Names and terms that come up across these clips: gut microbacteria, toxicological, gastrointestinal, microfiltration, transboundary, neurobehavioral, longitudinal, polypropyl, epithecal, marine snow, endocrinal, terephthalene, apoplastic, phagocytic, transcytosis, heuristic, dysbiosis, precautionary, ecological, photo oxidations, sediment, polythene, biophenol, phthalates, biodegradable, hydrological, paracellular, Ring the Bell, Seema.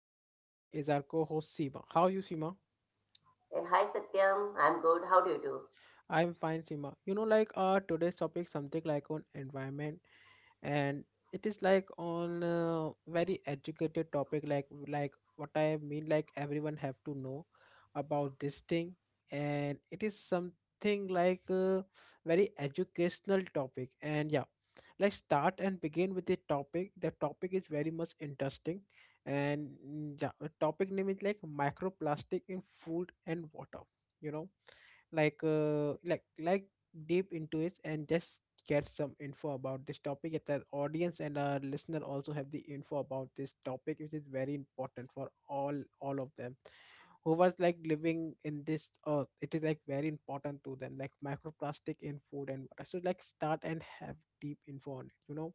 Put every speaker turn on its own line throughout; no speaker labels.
and with me is our co-host Seema. How are you, Seema?
Hi Satyam, I'm good. How do you do?
I am fine, Seema. You know, like our today's topic something like on environment, and it is like on a very educated topic, like what I mean, like everyone have to know about this thing. And it is something like a very educational topic. And yeah, let's start and begin with the topic. The topic is very much interesting. And yeah, the topic name is like microplastic in food and water you know like like deep into it, and just get some info about this topic that our audience and our listener also have the info about this topic, which is very important for all of them who was like living in this earth. It is like very important to them, like microplastic in food and water. So like start and have deep info on it.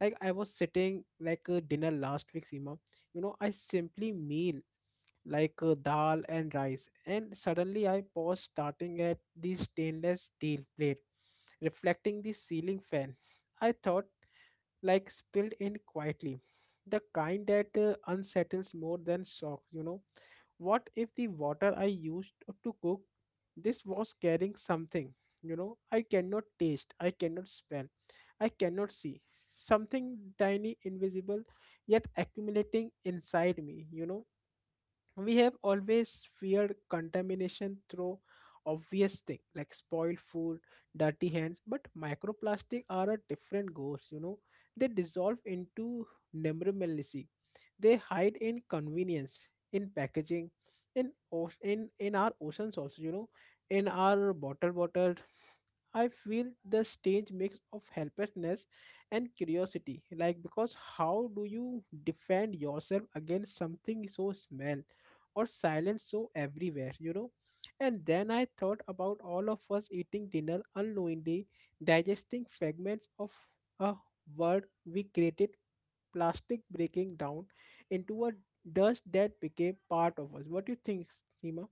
Like I was sitting like a dinner last week, Seema. You know I simply meal like dal and rice. And suddenly I paused, starting at the stainless steel plate, reflecting the ceiling fan. I thought, like, spilled in quietly. The kind that unsettles more than shock. What if the water I used to cook this was carrying something? You know, I cannot taste, I cannot smell, I cannot see. Something tiny, invisible, yet accumulating inside me. We have always feared contamination through obvious things like spoiled food, dirty hands, but microplastic are a different ghost. They dissolve into nemrimelacy. They hide in convenience, in packaging, in o in in our oceans also, in our bottles. I feel the strange mix of helplessness and curiosity, like because how do you defend yourself against something so small, or silence so everywhere. And then I thought about all of us eating dinner unknowingly, digesting fragments of a word we created, plastic breaking down into a dust that became part of us. What do you think, Seema?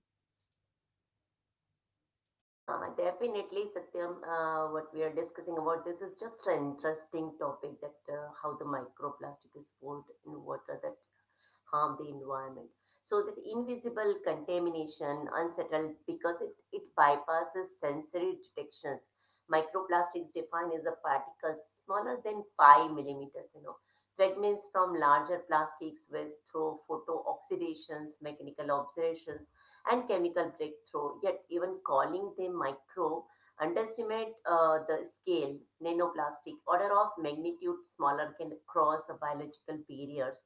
Yeah, definitely Satyam. What we are discussing about this is just an interesting topic that how the microplastic is formed in water. That harm the environment. So that invisible contamination unsettled because it bypasses sensory detections. Microplastics defined as a particle smaller than 5 millimeters, you know. Fragments from larger plastics waste through photo oxidations, mechanical observations, and chemical breakthrough. Yet even calling them micro underestimate the scale, nanoplastic, order of magnitude smaller can cross biological barriers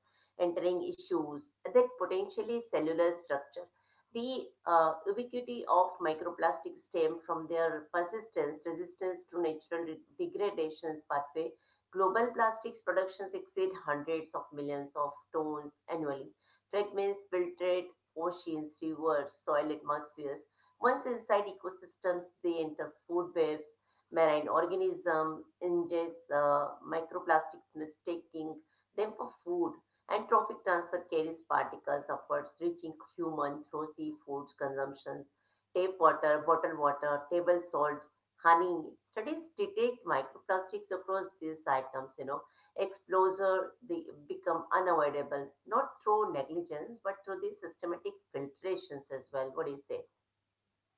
entering issues that potentially cellular structure. The ubiquity of microplastics stem from their persistence, resistance to natural degradations pathway. Global plastics productions exceed hundreds of millions of tons annually. Fragments filtrate oceans, rivers, soil atmospheres. Once inside ecosystems, they enter food webs, marine organisms ingest microplastics, mistaking them for food. And trophic transfer carries particles upwards, reaching human through seafood consumptions, tap water, bottled water, table salt, honey. Studies detect microplastics across these items, you know. Exposure they become unavoidable, not through negligence, but through the systematic filtrations as well. What do you say?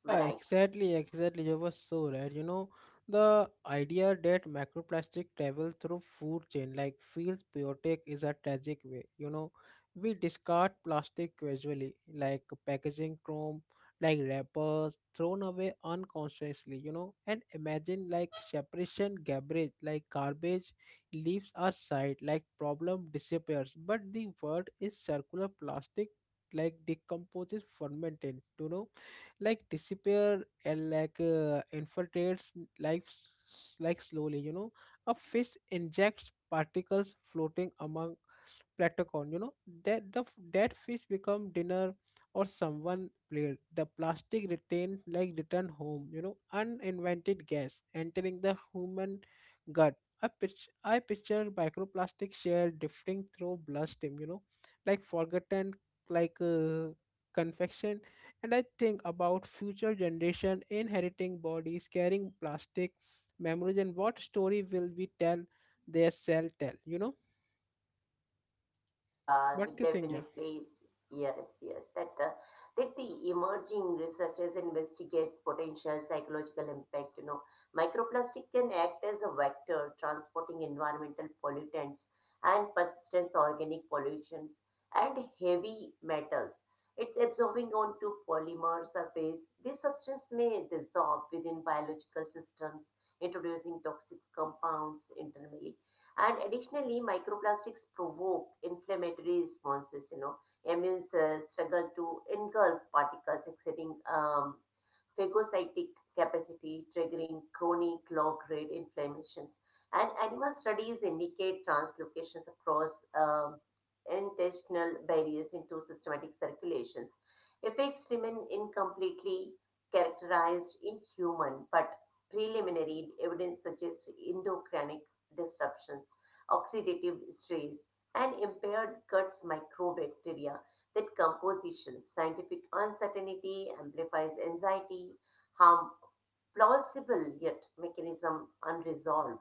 Am I
Yeah,
right?
exactly, exactly. You were so right. You know, the idea that microplastic travel through food chain like feels biotic is a tragic way. You know, we discard plastic casually, like packaging chrome, like wrappers, thrown away unconsciously, and imagine like separation garbage, like garbage leaves our side, like problem disappears. But the word is circular plastic like decomposes fermented. Like disappear, and like infiltrates life like slowly, you know. A fish injects particles floating among plankton, you know, that fish become dinner, or someone played the plastic retained like return home, you know, uninvented gas entering the human gut. I picture microplastic shell drifting through bloodstream, you know, like forgotten, like confection. And I think about future generation inheriting bodies carrying plastic memories. And what story will we tell their cell tell, you know.
Yeah, we
What do you think? Yeah.
definitely. Yes, yes. That the emerging researchers investigates potential psychological impact. You know, microplastic can act as a vector transporting environmental pollutants and persistent organic pollutions and heavy metals. It's absorbing onto polymer surface. This substance may dissolve within biological systems, introducing toxic compounds internally. And additionally, microplastics provoke inflammatory responses. You know, immune cells struggle to engulf particles exiting phagocytic capacity, triggering chronic low-grade inflammations. And animal studies indicate translocations across um, intestinal barriers into systematic circulations. Effects remain incompletely characterized in human, but preliminary evidence suggests endocrinal disruptions, oxidative stress, and impaired gut microbacteria that composition, scientific uncertainty amplifies anxiety, harm plausible yet mechanism unresolved.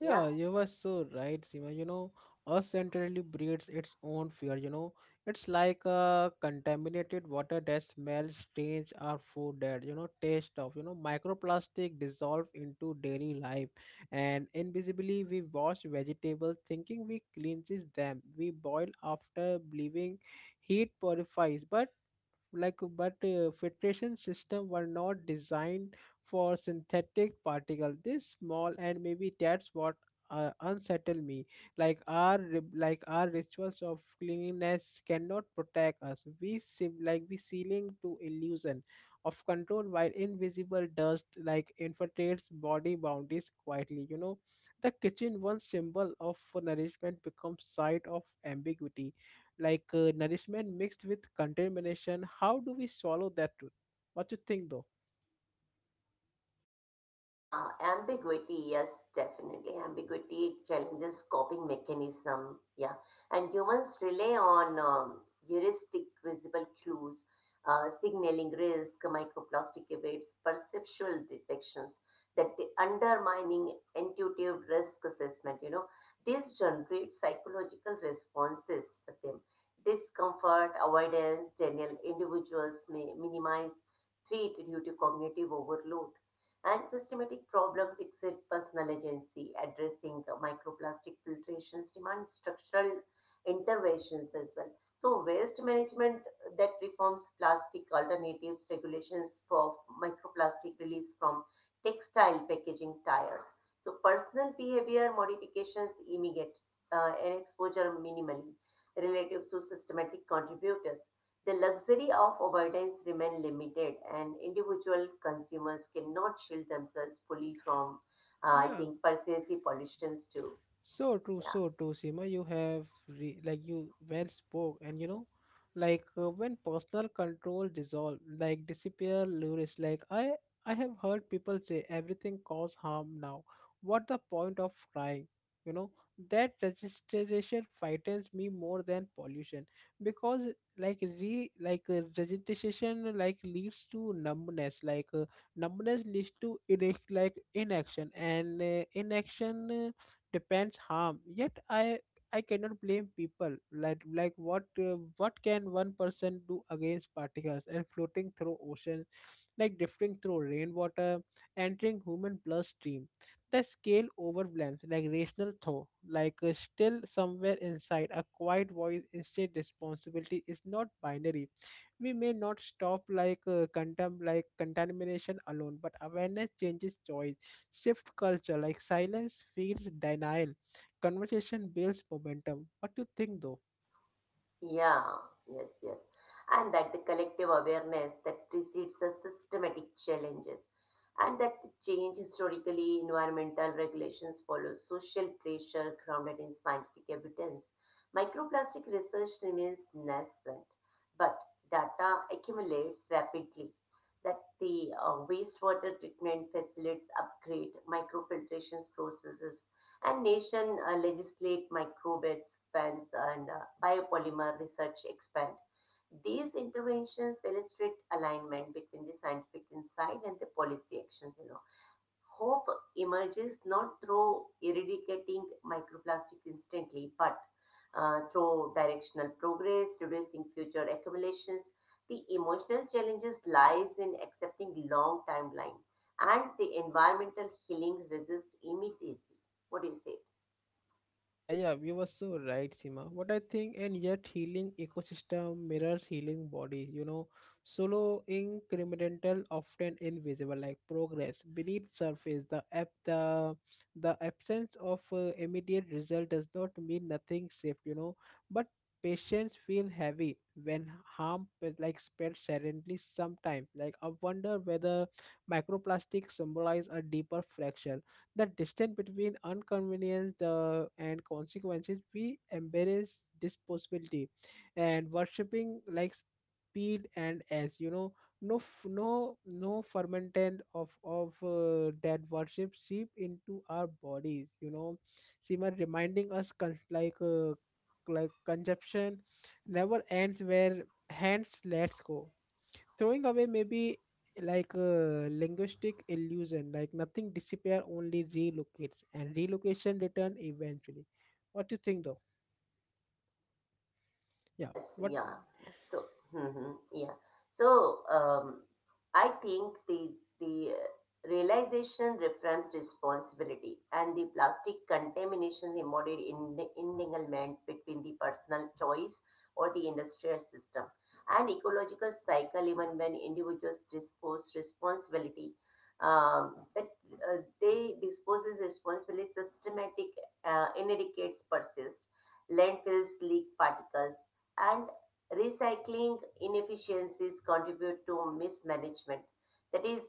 Yeah.
Yeah, you were so right, Sima. You know, us entirely breeds its own fear. You know, it's like a contaminated water that smells strange or food that you know taste of. You know, microplastic dissolve into daily life, and invisibly we wash vegetables, thinking we cleanses them. We boil after believing heat purifies, but but filtration system were not designed for synthetic particle this small. And maybe that's what unsettle me. Like our our rituals of cleanliness cannot protect us. We seem like we sealing to illusion of control, while invisible dust like infiltrates body boundaries quietly, you know. The kitchen, one symbol of nourishment, becomes site of ambiguity, like nourishment mixed with contamination. How do we swallow that truth? What you think though?
Yeah, ambiguity, yes, definitely. Ambiguity challenges coping mechanism, yeah. And humans rely on heuristic visible clues, signaling risk, microplastic evades, perceptual detections that the undermining intuitive risk assessment, you know. These generate psychological responses, Satyam. Discomfort, avoidance, denial, individuals may minimize treat due to cognitive overload and systematic problems exceed personal agency. Addressing microplastic filtrations demand structural interventions as well. So waste management that reforms plastic alternatives, regulations for microplastic release from textile packaging tires. So personal behavior modifications immediate and exposure minimally relative to systematic contributors. The luxury of avoidance remain limited, and individual consumers cannot shield themselves fully from, I
Yeah.
think, pervasive pollutions too. Yeah.
So true, Seema. You have you well spoke, and you know, like when personal control dissolve, like disappear, lures. Like I have heard people say everything cause harm now. What the point of trying? You know that registration frightens me more than pollution, because like registration like leads to numbness. Like numbness leads to inaction, and inaction. Depends harm. Yet I cannot blame people. Like what can one person do against particles and floating through ocean, like drifting through rainwater, entering human bloodstream? The scale overwhelms like rational thought. Like still somewhere inside, a quiet voice instead responsibility is not binary. We may not stop like condemn like contamination alone, but awareness changes choice, shift culture. Like silence feeds denial, conversation builds momentum. What do you think though?
Yeah, yes, yes. And that the collective awareness that precedes the systematic challenges and that the change historically environmental regulations follow social pressure grounded in scientific evidence. Microplastic research remains nascent, but data accumulates rapidly. That the wastewater treatment facilities upgrade microfiltration processes and nation legislate microbes, fence, and biopolymer research expand. These interventions illustrate alignment between the scientific insight and the policy actions. You know, hope emerges not through eradicating microplastic instantly, but through directional progress, reducing future accumulations. The emotional challenges lies in accepting long timeline, and the environmental healings resist immediacy. What do you say?
Yeah, yeah, you were so right, Sima. What I think, and yet healing ecosystem mirrors healing body, you know, solo incremental, often invisible, like progress beneath surface. The app, the absence of immediate result does not mean nothing safe, you know, but patients feel heavy when harm but, like spread suddenly. Sometimes, like I wonder whether microplastic symbolize a deeper fracture, the distance between inconvenience the, and consequences. We embrace this possibility, and worshipping like speed, and as you know, no fermentant of that worship seep into our bodies, you know. Simmer reminding us consumption never ends where hands let go. Throwing away may be like a linguistic illusion, like nothing disappear, only relocates, and relocation return eventually. What do you think though? Yeah.
Yes,
What?
yeah. So, mhm, yeah. So, I think the realization reference responsibility and the plastic contamination embodied in the modern entanglement between the personal choice or the industrial system and ecological cycle even when individuals dispose responsibility that they disposes responsibility systematic eradicates persist landfills leak particles and recycling inefficiencies contribute to mismanagement that is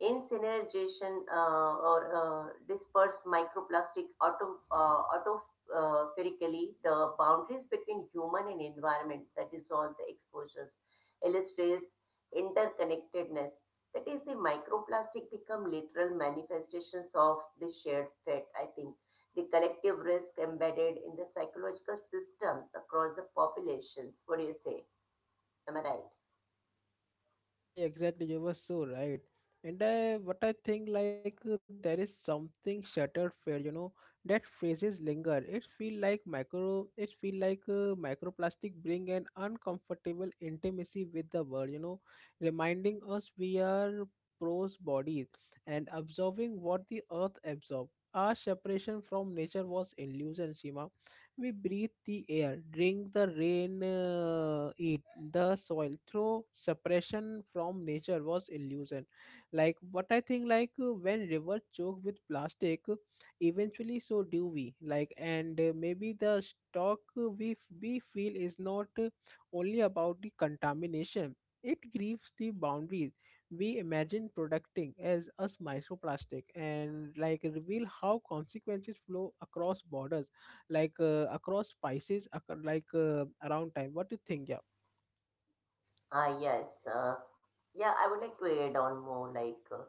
incineration or disperse microplastic auto spherically, the boundaries between human and environment that is all the exposures illustrates interconnectedness that is the microplastic become literal manifestations of the shared fate I think the collective risk embedded in the psychological systems across the populations. What do you say? Am I right?
Exactly, exactly. You were so right. And I, what I think, like there is something shattered fair, you know, that phrases linger. It feel like microplastic bring an uncomfortable intimacy with the world, you know, reminding us we are prose bodies and absorbing what the earth absorbs. Our separation from nature was illusion, Shima. We breathe the air, drink the rain, eat the soil. Through separation from nature was illusion. Like what I think, like when rivers choke with plastic, eventually so do we. Like and maybe the stock we feel is not only about the contamination. It grieves the boundaries we imagine protecting as us microplastic, and like reveal how consequences flow across borders, like across Pisces, around time. What do you think? Yeah.
Ah, yes. Yeah, I would like to add on more like uh,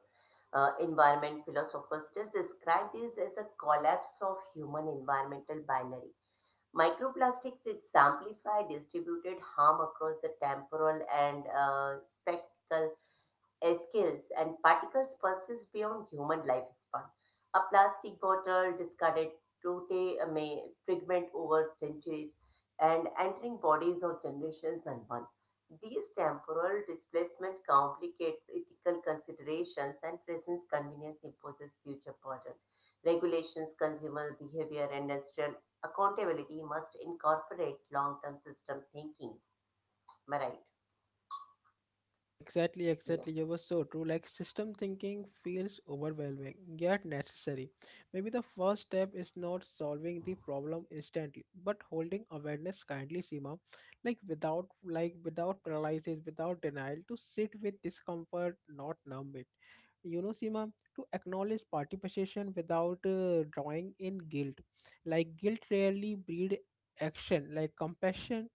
uh, environment philosophers just describe this as a collapse of human environmental binary. Microplastics exemplify distributed harm across the temporal and spectral Escales and particles persist beyond human lifespan. A plastic bottle discarded today may fragment over centuries and entering bodies of generations unknown. These temporal displacement complicates ethical considerations and present convenience imposes future burden. Regulations, consumer behavior, and industrial accountability must incorporate long-term system thinking. Am I right?
Yeah, exactly,
Yeah.
exactly. You were so true. Like system thinking feels overwhelming, yet necessary. Maybe the first step is not solving the problem instantly, but holding awareness kindly, Seema. Like without paralysis, without denial, to sit with discomfort, not numb it. You know, Seema, to acknowledge participation without drawing in guilt. Like guilt rarely breed action. Like compassion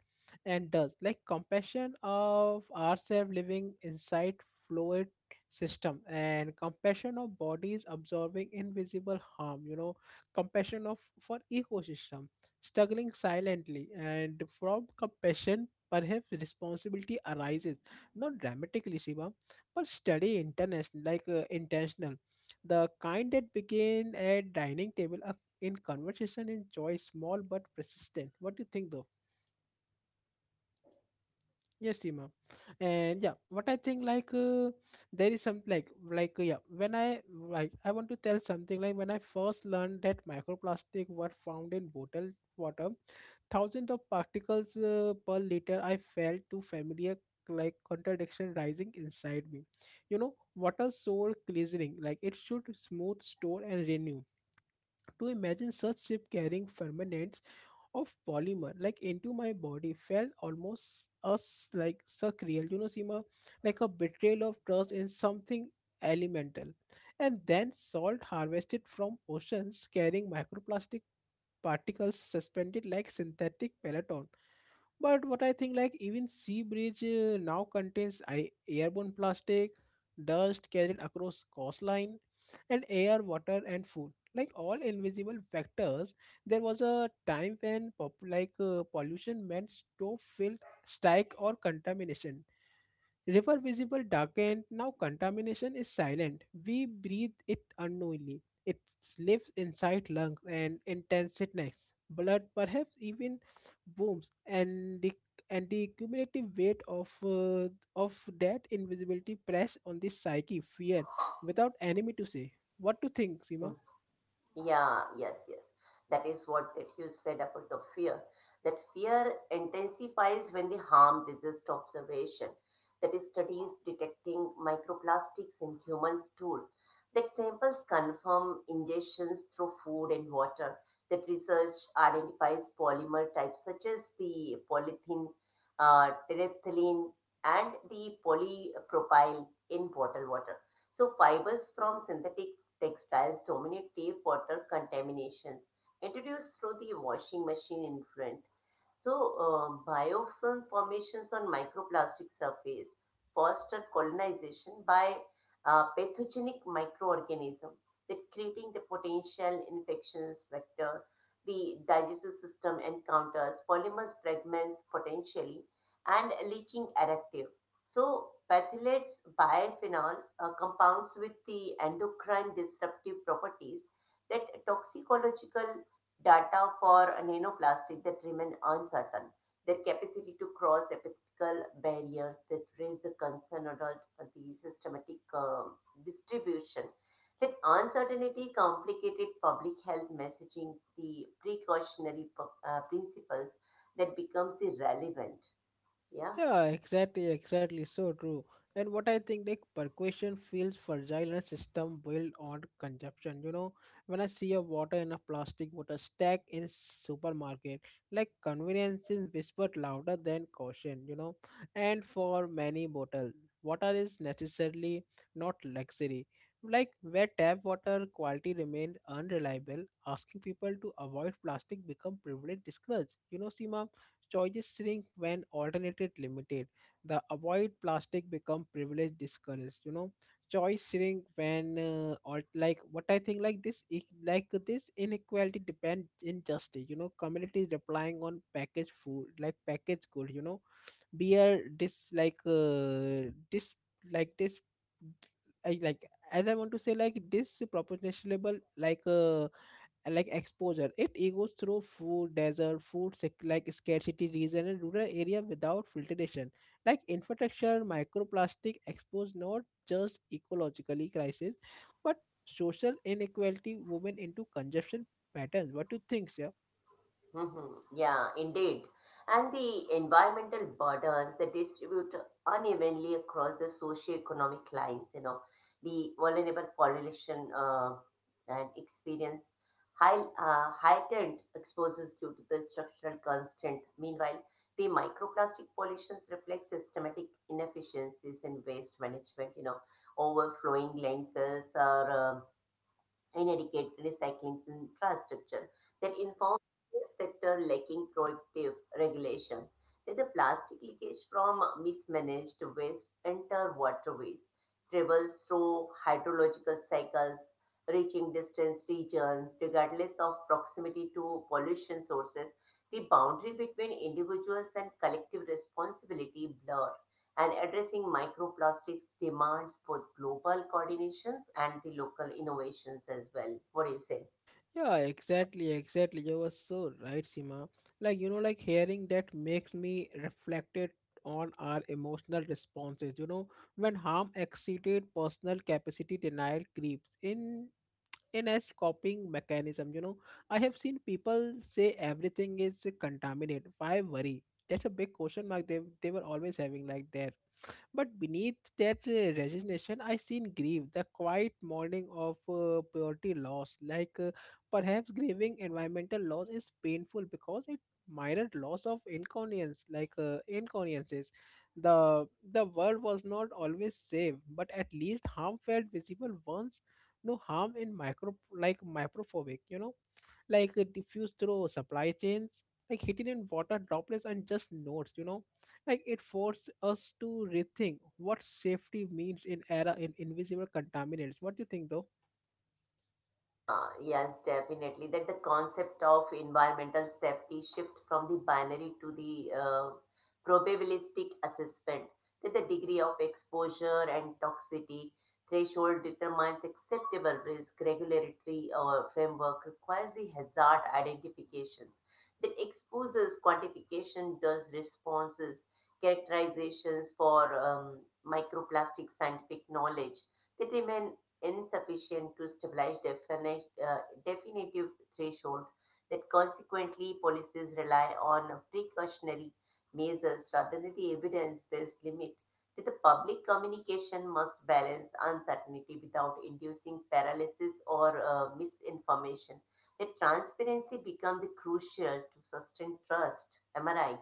and does like compassion of ourselves living inside fluid system, and compassion of bodies absorbing invisible harm, you know, compassion of for ecosystem struggling silently. And from compassion perhaps responsibility arises, not dramatically, Shiva, but steady international, like intentional, the kind that begin at dining table, in conversation, in joy, small but persistent. What do you think though? Yes, Seema. And yeah, what I think like there is some like yeah, when I like I want to tell something like when I first learned that microplastic were found in bottled water, thousands of particles per liter, I felt too familiar, like contradiction rising inside me. You know, water soul glycerin, like it should smooth, store and renew. To imagine such ship carrying ferment of polymer like into my body felt almost us like surreal, you know, Seema, like a betrayal of trust in something elemental. And then salt harvested from oceans carrying microplastic particles suspended like synthetic peloton. But what I think, like even sea bridge now contains airborne plastic, dust carried across coastline, and air, water, and food. Like all invisible factors, there was a time when pollution meant stove filled strike or contamination. River visible darkened, now contamination is silent. We breathe it unknowingly. It lives inside lungs and intensities, blood, perhaps even wombs, and the cumulative weight of that invisibility press on the psyche, fear, without enemy to say. What to think,
Hmm.
Seema?
Yeah, yes, yes. That is what that you said about the fear. That fear intensifies when the harm resist observation. That is studies detecting microplastics in humans stool. That samples confirm ingestions through food and water. That research identifies polymer types such as the polythene, terephthalene, and the polypropyl in bottled water. So fibers from synthetic textiles dominate tap water contaminations introduced through the washing machine influence. So, biofilm formations on microplastic surface foster colonization by pathogenic microorganism that creating the potential infections vector. The digestive system encounters polymers fragments potentially and leaching additive. So, phthalates biophenol compounds with the endocrine disruptive properties that toxicological data for nanoplastic that remain uncertain, their capacity to cross epithecal barriers that raise the concern about the systematic distribution. That uncertainty complicated public health messaging, the precautionary principles that becomes irrelevant. Yeah.
Yeah, exactly, exactly. So true. And what I think, like percussion feels fragile, and system built on consumption. You know, when I see a water in a plastic water stack in supermarket, like convenience is whispered louder than caution. You know, and for many bottle, water is necessarily not luxury. Like where tap water quality remains unreliable, asking people to avoid plastic become privilege discouraged. You know, Seema, choices shrink when alternative limited. The avoid plastic become privilege discouraged. You know, choice shrink when alt like what I think like this inequality depend injustice. You know, communities relying on packaged food like packaged good. You know, beer dis dis like this I like as I want to say like this proportionable like uh, and like exposure it goes through food desert like scarcity region and rural area without filtration like infrastructure microplastic exposed not just ecologically crisis but social inequality women into consumption patterns. What do you think sir?
Mhm. Yeah, indeed. And the environmental burdens that distribute unevenly across the socio-economic lines, you know, the vulnerable population and experience heightened exposures due to the structural constant. Meanwhile, the microplastic pollutions reflect systematic inefficiencies in waste management, you know, overflowing landfills or and educate recycling in infrastructure that informs the sector lacking proactive regulations that the plastic leakage from mismanaged waste enter waterways, travels through hydrological cycles, reaching distant regions regardless of proximity to pollution sources, the boundary between individuals and collective responsibility blur and addressing microplastics demands both global coordinations and the local innovations as well. What do you say?
Yeah, exactly, exactly, you were so right, Sima. Like you know, like hearing that makes me reflected on our emotional responses, you know, when harm exceeded personal capacity denial creeps in as copying mechanism, you know. I have seen people say everything is contaminated, why worry? That's a big question mark. They were always having like that. But beneath that resignation, I seen grief, the quiet mourning of purity loss. Perhaps grieving environmental loss is painful because it mirrored loss of inconvenience, inconveniences. The the world was not always safe, but at least harm felt visible once. No harm in micro like microphobic, you know, diffused through supply chains, like hidden in water droplets and just notes, you know. Like it forced us to rethink what safety means in era in invisible contaminants. What do you think though?
Yeah, yes, definitely. That the concept of environmental safety shift from the binary to the probabilistic assessment, that the degree of exposure and toxicity threshold determines acceptable risk. Regulatory framework requires the hazard identifications that exposes quantification does responses characterizations for microplastic scientific knowledge that remain insufficient to establish definitive threshold that consequently policies rely on precautionary measures rather than the evidence-based limit that the public communication must balance uncertainty without inducing paralysis or misinformation that transparency becomes the crucial to sustain trust. Am I right?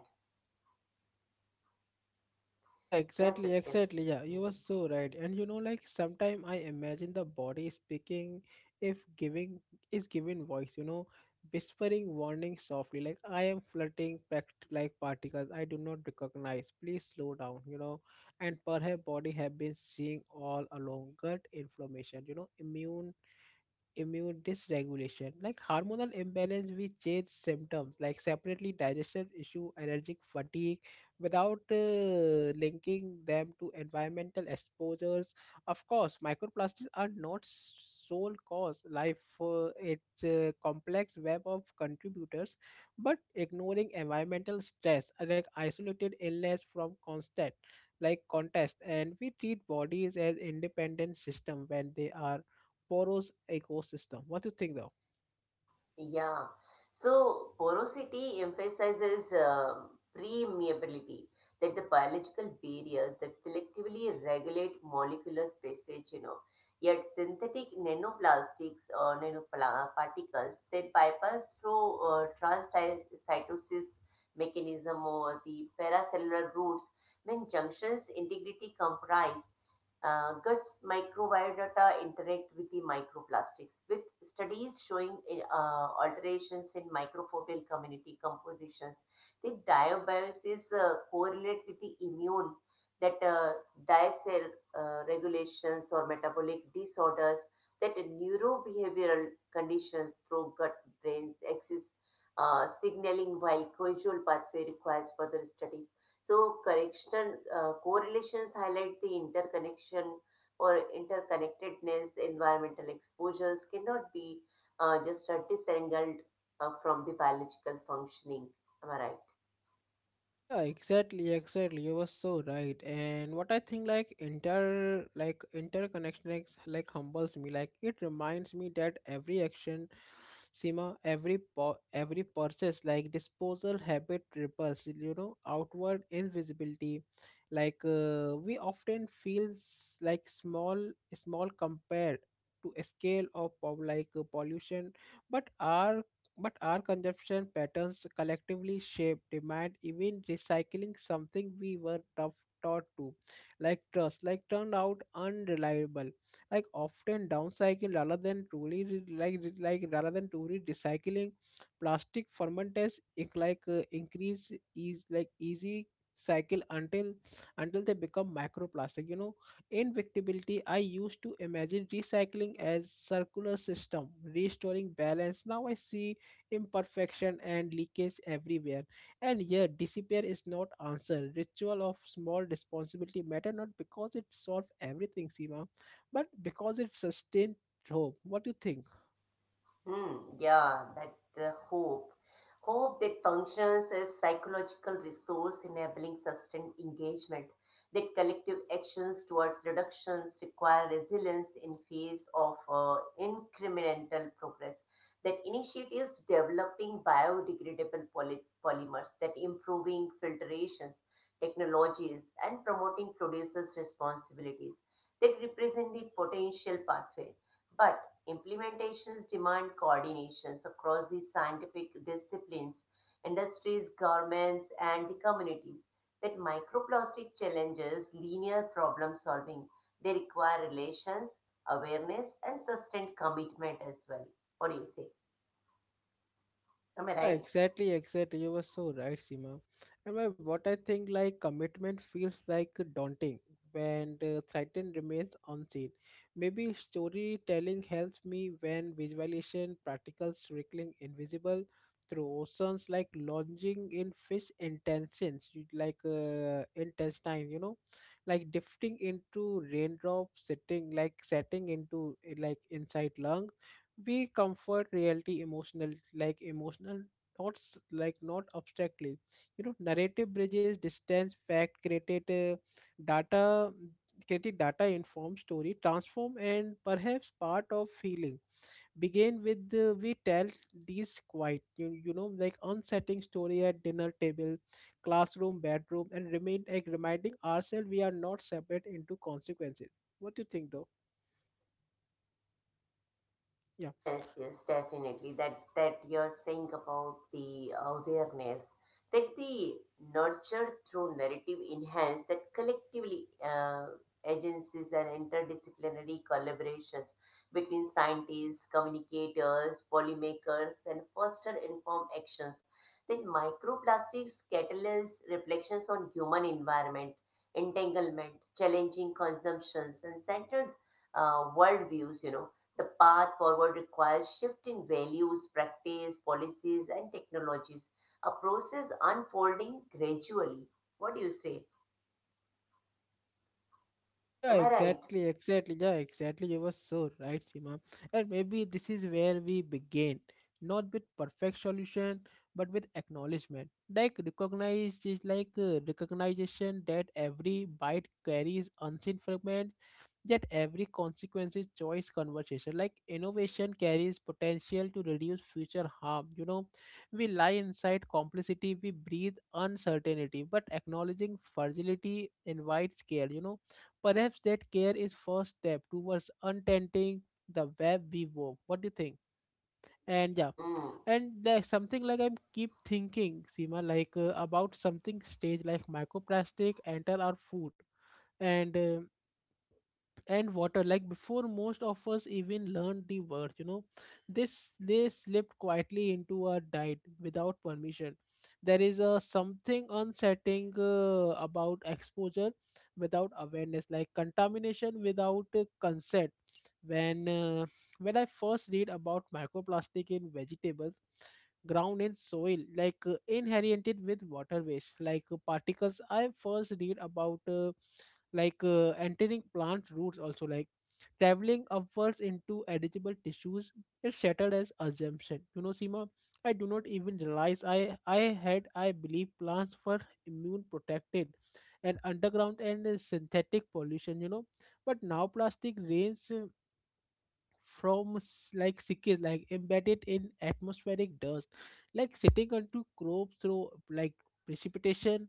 Yeah,
Yes,
exactly,
Satyam.
exactly. Yeah, you were
Hmm.
so right. And you know, like sometimes I imagine the body speaking if giving is given voice, you know, whispering warning softly, like I am flirting packed like particles I do not recognize. Please slow down, you know. And perhaps body have been seeing all along gut information, you know, immune dysregulation, like hormonal imbalance with change symptoms like separately digestion issue, allergic fatigue, without linking them to environmental exposures. Of course, microplastics are not sole cause. Life it's a complex web of contributors, but ignoring environmental stress, like isolated illness from constant like contest, and we treat bodies as independent system when they are porous ecosystem. What do you think though?
Yeah. So porosity emphasizes permeability, that the biological barriers that selectively regulate molecular spaces, you know. Yet synthetic nanoplastics or nanoparticles that bypass through transcytosis mechanism or the paracellular routes when junctions integrity comprised guts microbiota interact with the microplastics, with studies showing alterations in microbial community compositions. The dysbiosis correlate with the immune that diet regulations or metabolic disorders, that neurobehavioral conditions through gut brains axis signaling while causal pathway requires further studies. So correction correlations highlight the interconnection or interconnectedness. Environmental exposures cannot be just a disentangled from the biological functioning. Am I right?
Yeah, exactly, exactly. You were so right. And what I think like inter like interconnection like humbles me. Like it reminds me that every action, Sima, every purchase, like disposal habit ripples, you know, outward invisibility. We often feels like small compared to a scale of pollution, but our but our consumption patterns collectively shape demand, even recycling something we were tough taught to, like trust, like turned out unreliable, like often downcycling rather than truly re- like rather than truly recycling. Plastic fermenters increase is like easy cycle until they become microplastic. You know, invictability, I used to imagine recycling as circular system, restoring balance. Now I see imperfection and leakage everywhere. And yet, disappear is not answer. Ritual of small responsibility matter not because it solves everything, Seema, but because it sustains hope. What do you think?
Hmm, yeah, that hope. Hope that functions as psychological resource enabling sustained engagement, that collective actions towards reductions require resilience in face of incremental progress, that initiatives developing biodegradable polymers, that improving filtrations, technologies, and promoting producers' responsibilities, that represent the potential pathway. But. Implementations demand coordinations across the scientific disciplines, industries, governments, and the communities. That microplastic challenges linear problem solving. They require relations, awareness, and sustained commitment as well. What do you say? Am I
Yeah,
right?
exactly, exactly. You were so right, Seema. And my, what I think like commitment feels like daunting when the threatened remains unseen. Maybe storytelling helps me when visualization, practical circling invisible through oceans, like lodging in fish intentions, intestine, you know, like drifting into raindrops, sitting like setting into like inside lungs we comfort reality emotional like emotional not s- like not abstractly, you know. Narrative bridges distance fact created data created data informed story transform, and perhaps part of feeling begin with we tell these quiet you know, like unsettling story at dinner table, classroom, bedroom, and remain like reminding ourselves we are not separate into consequences. What do you think though? Yeah.
Yes, yes, definitely. That that you're saying about the awareness, that the nurture through narrative enhance that collectively agencies and interdisciplinary collaborations between scientists, communicators, policymakers, and foster informed actions. Then microplastics catalyze reflections on human environment, entanglement, challenging consumptions, and centered worldviews. You know the path forward requires shift in values, practice, policies, and technologies, a process unfolding gradually. What do you say?
Yeah,
Am I right?
exactly, exactly. Yeah, exactly. You were so right, Sima. And maybe this is where we begin, not with perfect solution, but with acknowledgement. Like recognize, just recognition that every bite carries unseen fragment. Yet every consequence is choice conversation. Like innovation carries potential to reduce future harm. You know, we lie inside complicity, we breathe uncertainty, but acknowledging fragility invites care. You know, perhaps that care is first step towards untenting the web we wove. What do you think? And yeah,
Hmm.
and there's something like I'm keep thinking, Seema, about something strange, like microplastic enter our food and uh, and water like before most of us even learned the words, you know. This they slipped quietly into our diet without permission. There is a something unsettling about exposure without awareness, like contamination without consent. when uh, when I first read about microplastic in vegetables ground and soil, inherited with water waste, particles I first read about entering plant roots also like traveling upwards into edible tissues is shattered as assumption, you know, Sima. I do not even realize I had I believe plants were immune protected and underground and synthetic pollution, you know. But now plastic rains from like sickness, like embedded in atmospheric dust, like sitting onto crops through like precipitation.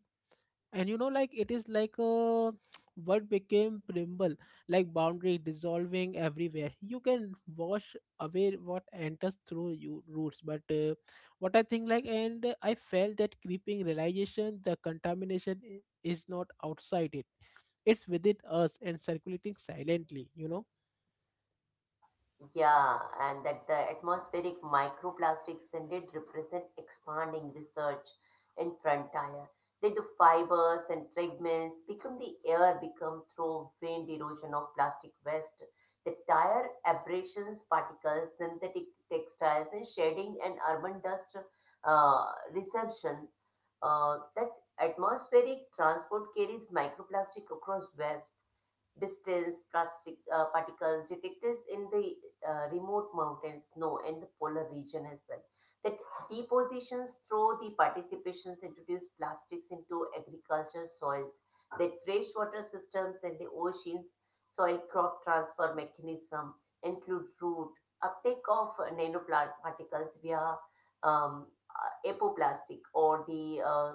And you know, like it is like a what became primble, like boundary dissolving everywhere. You can wash away what enters through you roots, but what I think, like and I felt that creeping realization the contamination is not outside, it's within us and circulating silently, you know.
Yeah, and that the atmospheric microplastics indeed represent expanding research in frontier. That the fibers and fragments become the air become through wind erosion of plastic waste. The tire abrasions, particles, synthetic textiles, and shedding and urban dust uh, receptions. That atmospheric transport carries microplastic across waste distance, plastic particles detected in the remote mountain snow and the polar region as well. That depositions through the participations introduce plastics into agriculture soils, that freshwater systems and the oceans, soil crop transfer mechanism include root uptake of nanoparticles via um, apoplastic or the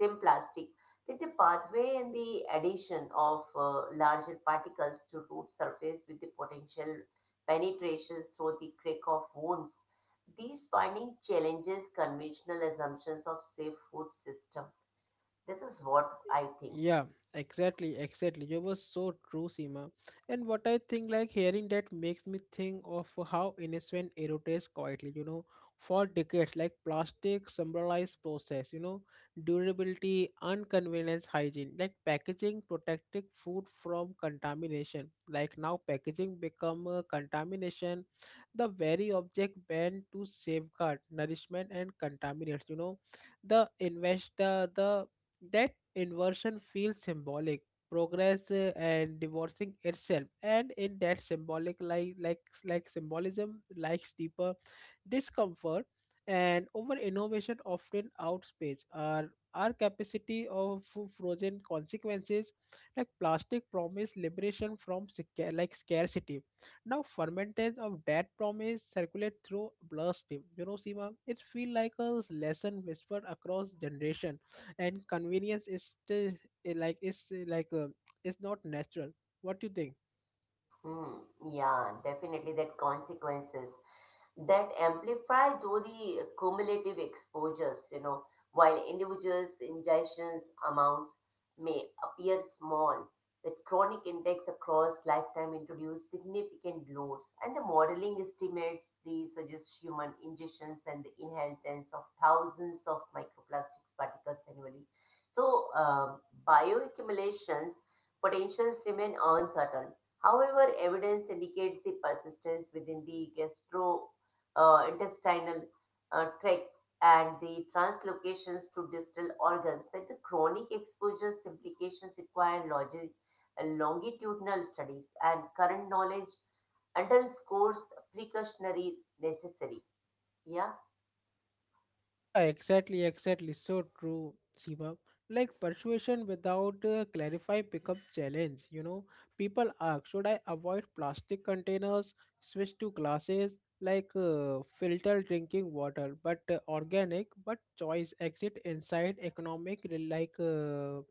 same plastic with the pathway and the addition of larger particles to root surface with the potential penetrations through the crack of wounds, these finding challenges conventional assumptions of safe food system. This is what I think.
Yeah, exactly, exactly. You were so true, Seema. And what I think, like hearing that makes me think of how innocent erodes quietly, you know, for decades, like plastic symbolized process, you know, durability, inconvenience, hygiene, like packaging protecting food from contamination. Like now packaging become a contamination, the very object banned to safeguard nourishment and contaminants, you know, the invest the that inversion feels symbolic, progress and divorcing itself, and in that symbolic like symbolism likes deeper discomfort, and over innovation often outpaces our capacity of frozen consequences, like plastic promise liberation from like scarcity. Now fermentation of that promise circulate through bloodstream, you know, Sima. It feel like a lesson whispered across generation, and convenience is still eh, like is eh, like uh, is not natural. What do you think?
Hmm, yeah, definitely that consequences that amplify through the cumulative exposures, you know, while individuals' ingestions amounts may appear small, that chronic index across lifetime introduce significant loads, and the modeling estimates the suggests human ingestions and the inheritance of thousands of microplastics particles annually. So, bioaccumulations potentials remain uncertain. However, evidence indicates the persistence within the gastrointestinal tracts and the translocations to distal organs that the chronic exposures implications require longitudinal studies and current knowledge underscores precautionary necessary. Yeah.
Yeah, exactly, exactly, so true, Seema. Like persuasion without clarify becomes challenge, you know. People ask, should I avoid plastic containers, switch to glasses, filter drinking water, but organic but choice exit inside economic rel- like uh,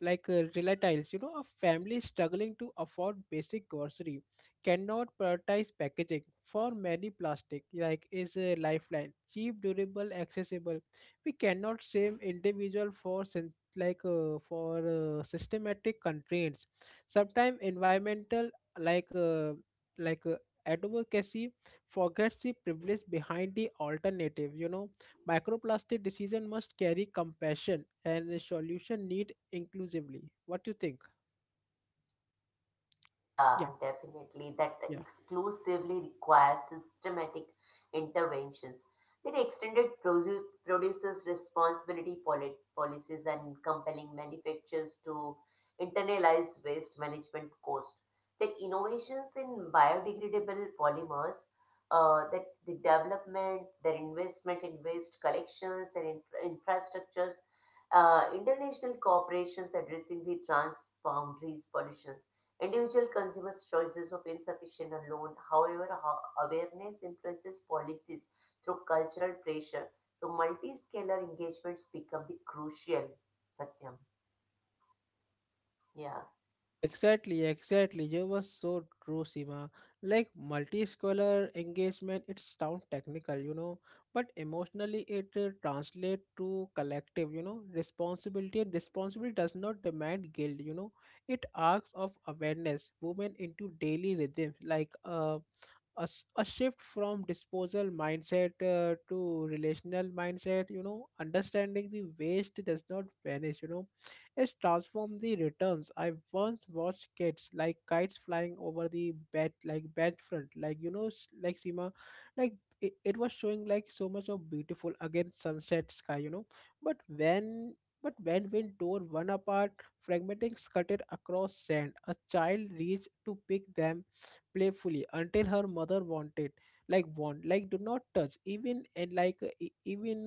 like uh, relatives, you know. A family struggling to afford basic grocery cannot prioritize packaging, for many plastic like is a lifeline, cheap, durable, accessible. We cannot shame individual for systematic constraints. Sometimes environmental like uh, like uh, advocacy forgets the privilege behind the alternative, you know. Microplastic decision must carry compassion, and the solution need inclusively. What do you think?
Yeah,
Yeah.
definitely. That
Yeah.
exclusively requires systematic interventions. That extended producers' responsibility policies and compelling manufacturers to internalize waste management cost. That innovations in biodegradable polymers, that the development, their investment in waste collections and infrastructures, international corporations addressing the transboundary pollutions Individual consumers' choices of insufficient alone, however, awareness influences policies through cultural pressure. So, multi-scalar engagements become the crucial. Satyam. Yeah.
Yeah, exactly, exactly. You were so true, Seema. Like multi-scholar engagement, it sounds technical, you know, but emotionally it translates to collective, you know, responsibility. And responsibility does not demand guilt, you know. It asks of awareness, movement into daily rhythms, a, a shift from disposal mindset to relational mindset, you know, understanding the waste does not vanish, you know, it's transformed the returns. I once watched kids like kites flying over the bed, like bed front, like you know, like Sima, like it was showing like so much of beautiful against sunset sky, you know. But when but when wind tore one apart, fragmenting scattered across sand, a child reached to pick them playfully until her mother wanted, like warned, like do not touch. Even and like e- even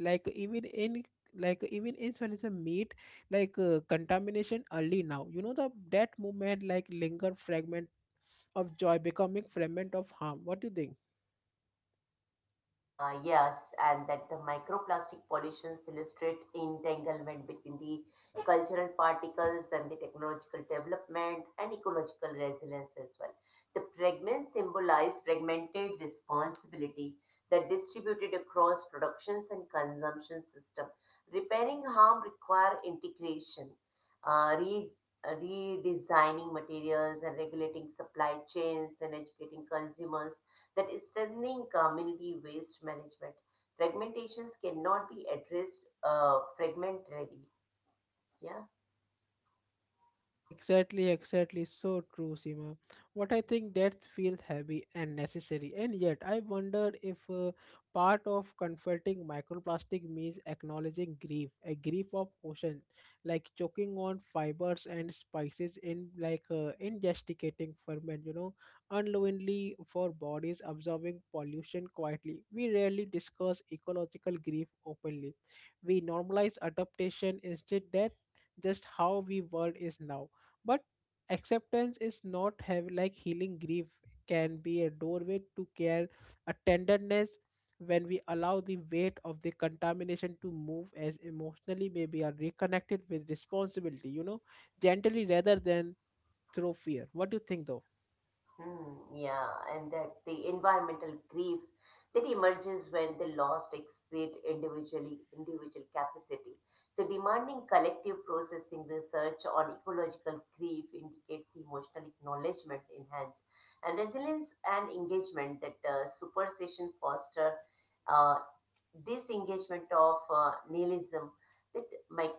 like even in like even in solution meat, contamination early now, you know, the that movement like linger fragment of joy becoming fragment of harm. What do you think?
Yes, and that the microplastic pollutions illustrate entanglement between the cultural particles and the technological development and ecological resilience as well. The fragments symbolize fragmented responsibility that distributed across productions and consumption system. Repairing harm require integration, uh, re- redesigning materials and regulating supply chains and educating consumers that is strengthening community waste management. Fragmentations cannot be addressed fragmentarily. Yeah.
Yeah, exactly, exactly, so true, Seema. What I think that feels heavy and necessary, and yet I wonder if part of confronting microplastic means acknowledging grief, a grief of ocean, like choking on fibers and spices in ingesting ferment, you know, unknowingly for bodies absorbing pollution quietly. We rarely discuss ecological grief openly. We normalize adaptation instead, just how we world is now. But acceptance is not have like healing. Grief can be a doorway to care, a tenderness. When we allow the weight of the contamination to move as emotionally, maybe are reconnected with responsibility, you know, gently rather than through fear. What do you think though?
Hmm, yeah, and that the environmental grief that emerges when the lost exceed individually individual capacity. So demanding collective processing research on ecological grief indicates emotional acknowledgement enhance and resilience and engagement that superstition foster uh, disengagement of nihilism that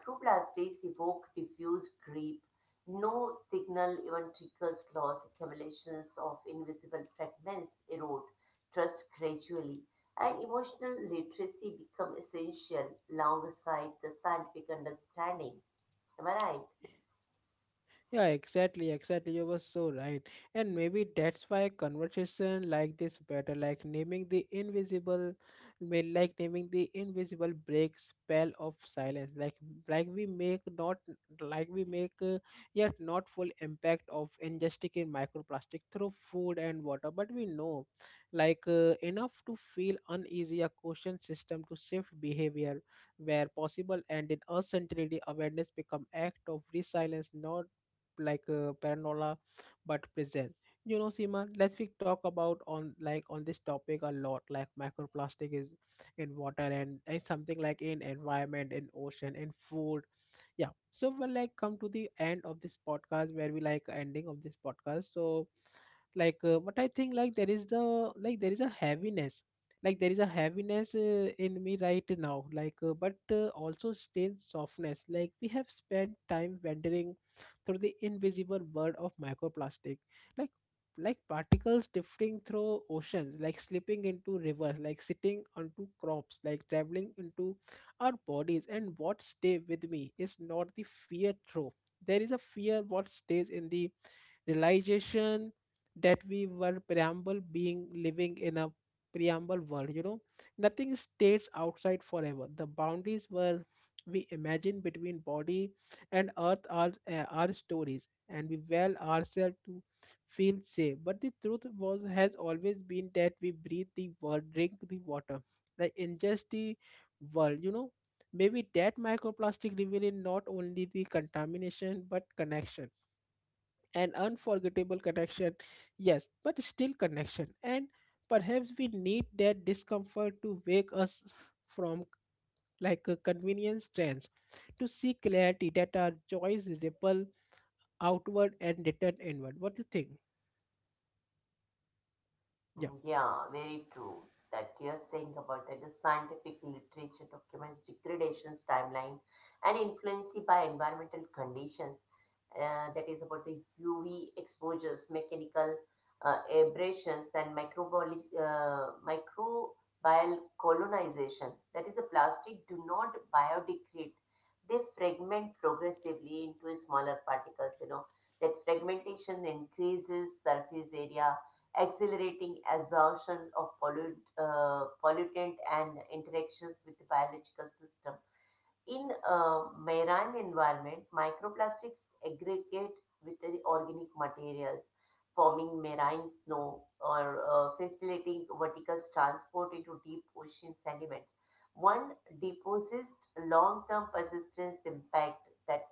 microplastics evoke diffuse grief no signal even triggers loss, accumulations of invisible fragments erode trust gradually, and emotional literacy become essential alongside the scientific understanding. Am I right?
Yeah, exactly, exactly. You were so right. And maybe that's why conversation like this better, like naming the invisible, like naming the invisible break spell of silence, like we make not like we make yet not full impact of ingesting in microplastic through food and water, but we know enough to feel uneasy, a caution system to shift behavior where possible, and in uncertainty awareness become act of resilience, not paranoia but present, you know. Seema, let's we talk about on like on this topic a lot, like microplastic is in water and it's something like in environment, in ocean, in food. Yeah, so we will like come to the end of this podcast where we like ending of this podcast. So but I think like there is a heaviness, in me right now, but also strange softness, like we have spent time wandering through the invisible world of microplastic, like like particles drifting through oceans, like slipping into rivers, like sitting onto crops, like traveling into our bodies. And what stay with me is not the fear through. There is a fear what stays in the realization that we were preamble being living in a preamble world, you know. Nothing stays outside forever. The boundaries were we imagine between body and earth are our stories, and we well ourselves to feel safe, but the truth was has always been that we breathe the world, drink the water, like ingest the world, you know. Maybe that microplastic revealing not only the contamination but connection, an unforgettable connection. Yes, but still connection. And perhaps we need that discomfort to wake us from like a convenience trance, to see clarity that our joys ripple outward and return inward. What do you think? Yeah.
Mm, yeah, very true. That you're saying about that the scientific literature documents degradation's timeline and influence by environmental conditions. That is about the UV exposures, mechanical abrasions, and microbial colonization. That is, the plastic do not biodegrade; they fragment progressively into smaller particles. You know that fragmentation increases surface area accelerating absorption of pollutant and interactions with the biological system. In a marine environment, microplastics aggregate with the organic materials, forming marine snow or facilitating vertical transport into deep ocean sediment. One deposits long-term persistence impact that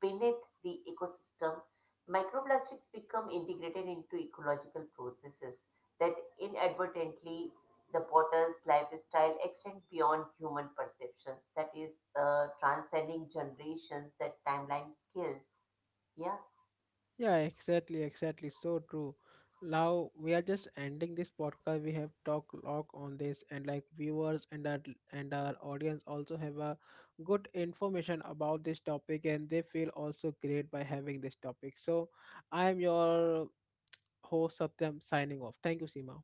beneath the ecosystem, microplastics become integrated into ecological processes that inadvertently the potter's lifestyle extends beyond human perceptions, that is, transcending generations, that timeline skills. Yeah.
Yeah, exactly, exactly, so true. Now we are just ending this podcast. We have talked a lot on this, and like viewers and our audience also have a good information about this topic, and they feel also great by having this topic. So, I am your host Satyam signing off. Thank you, Seema.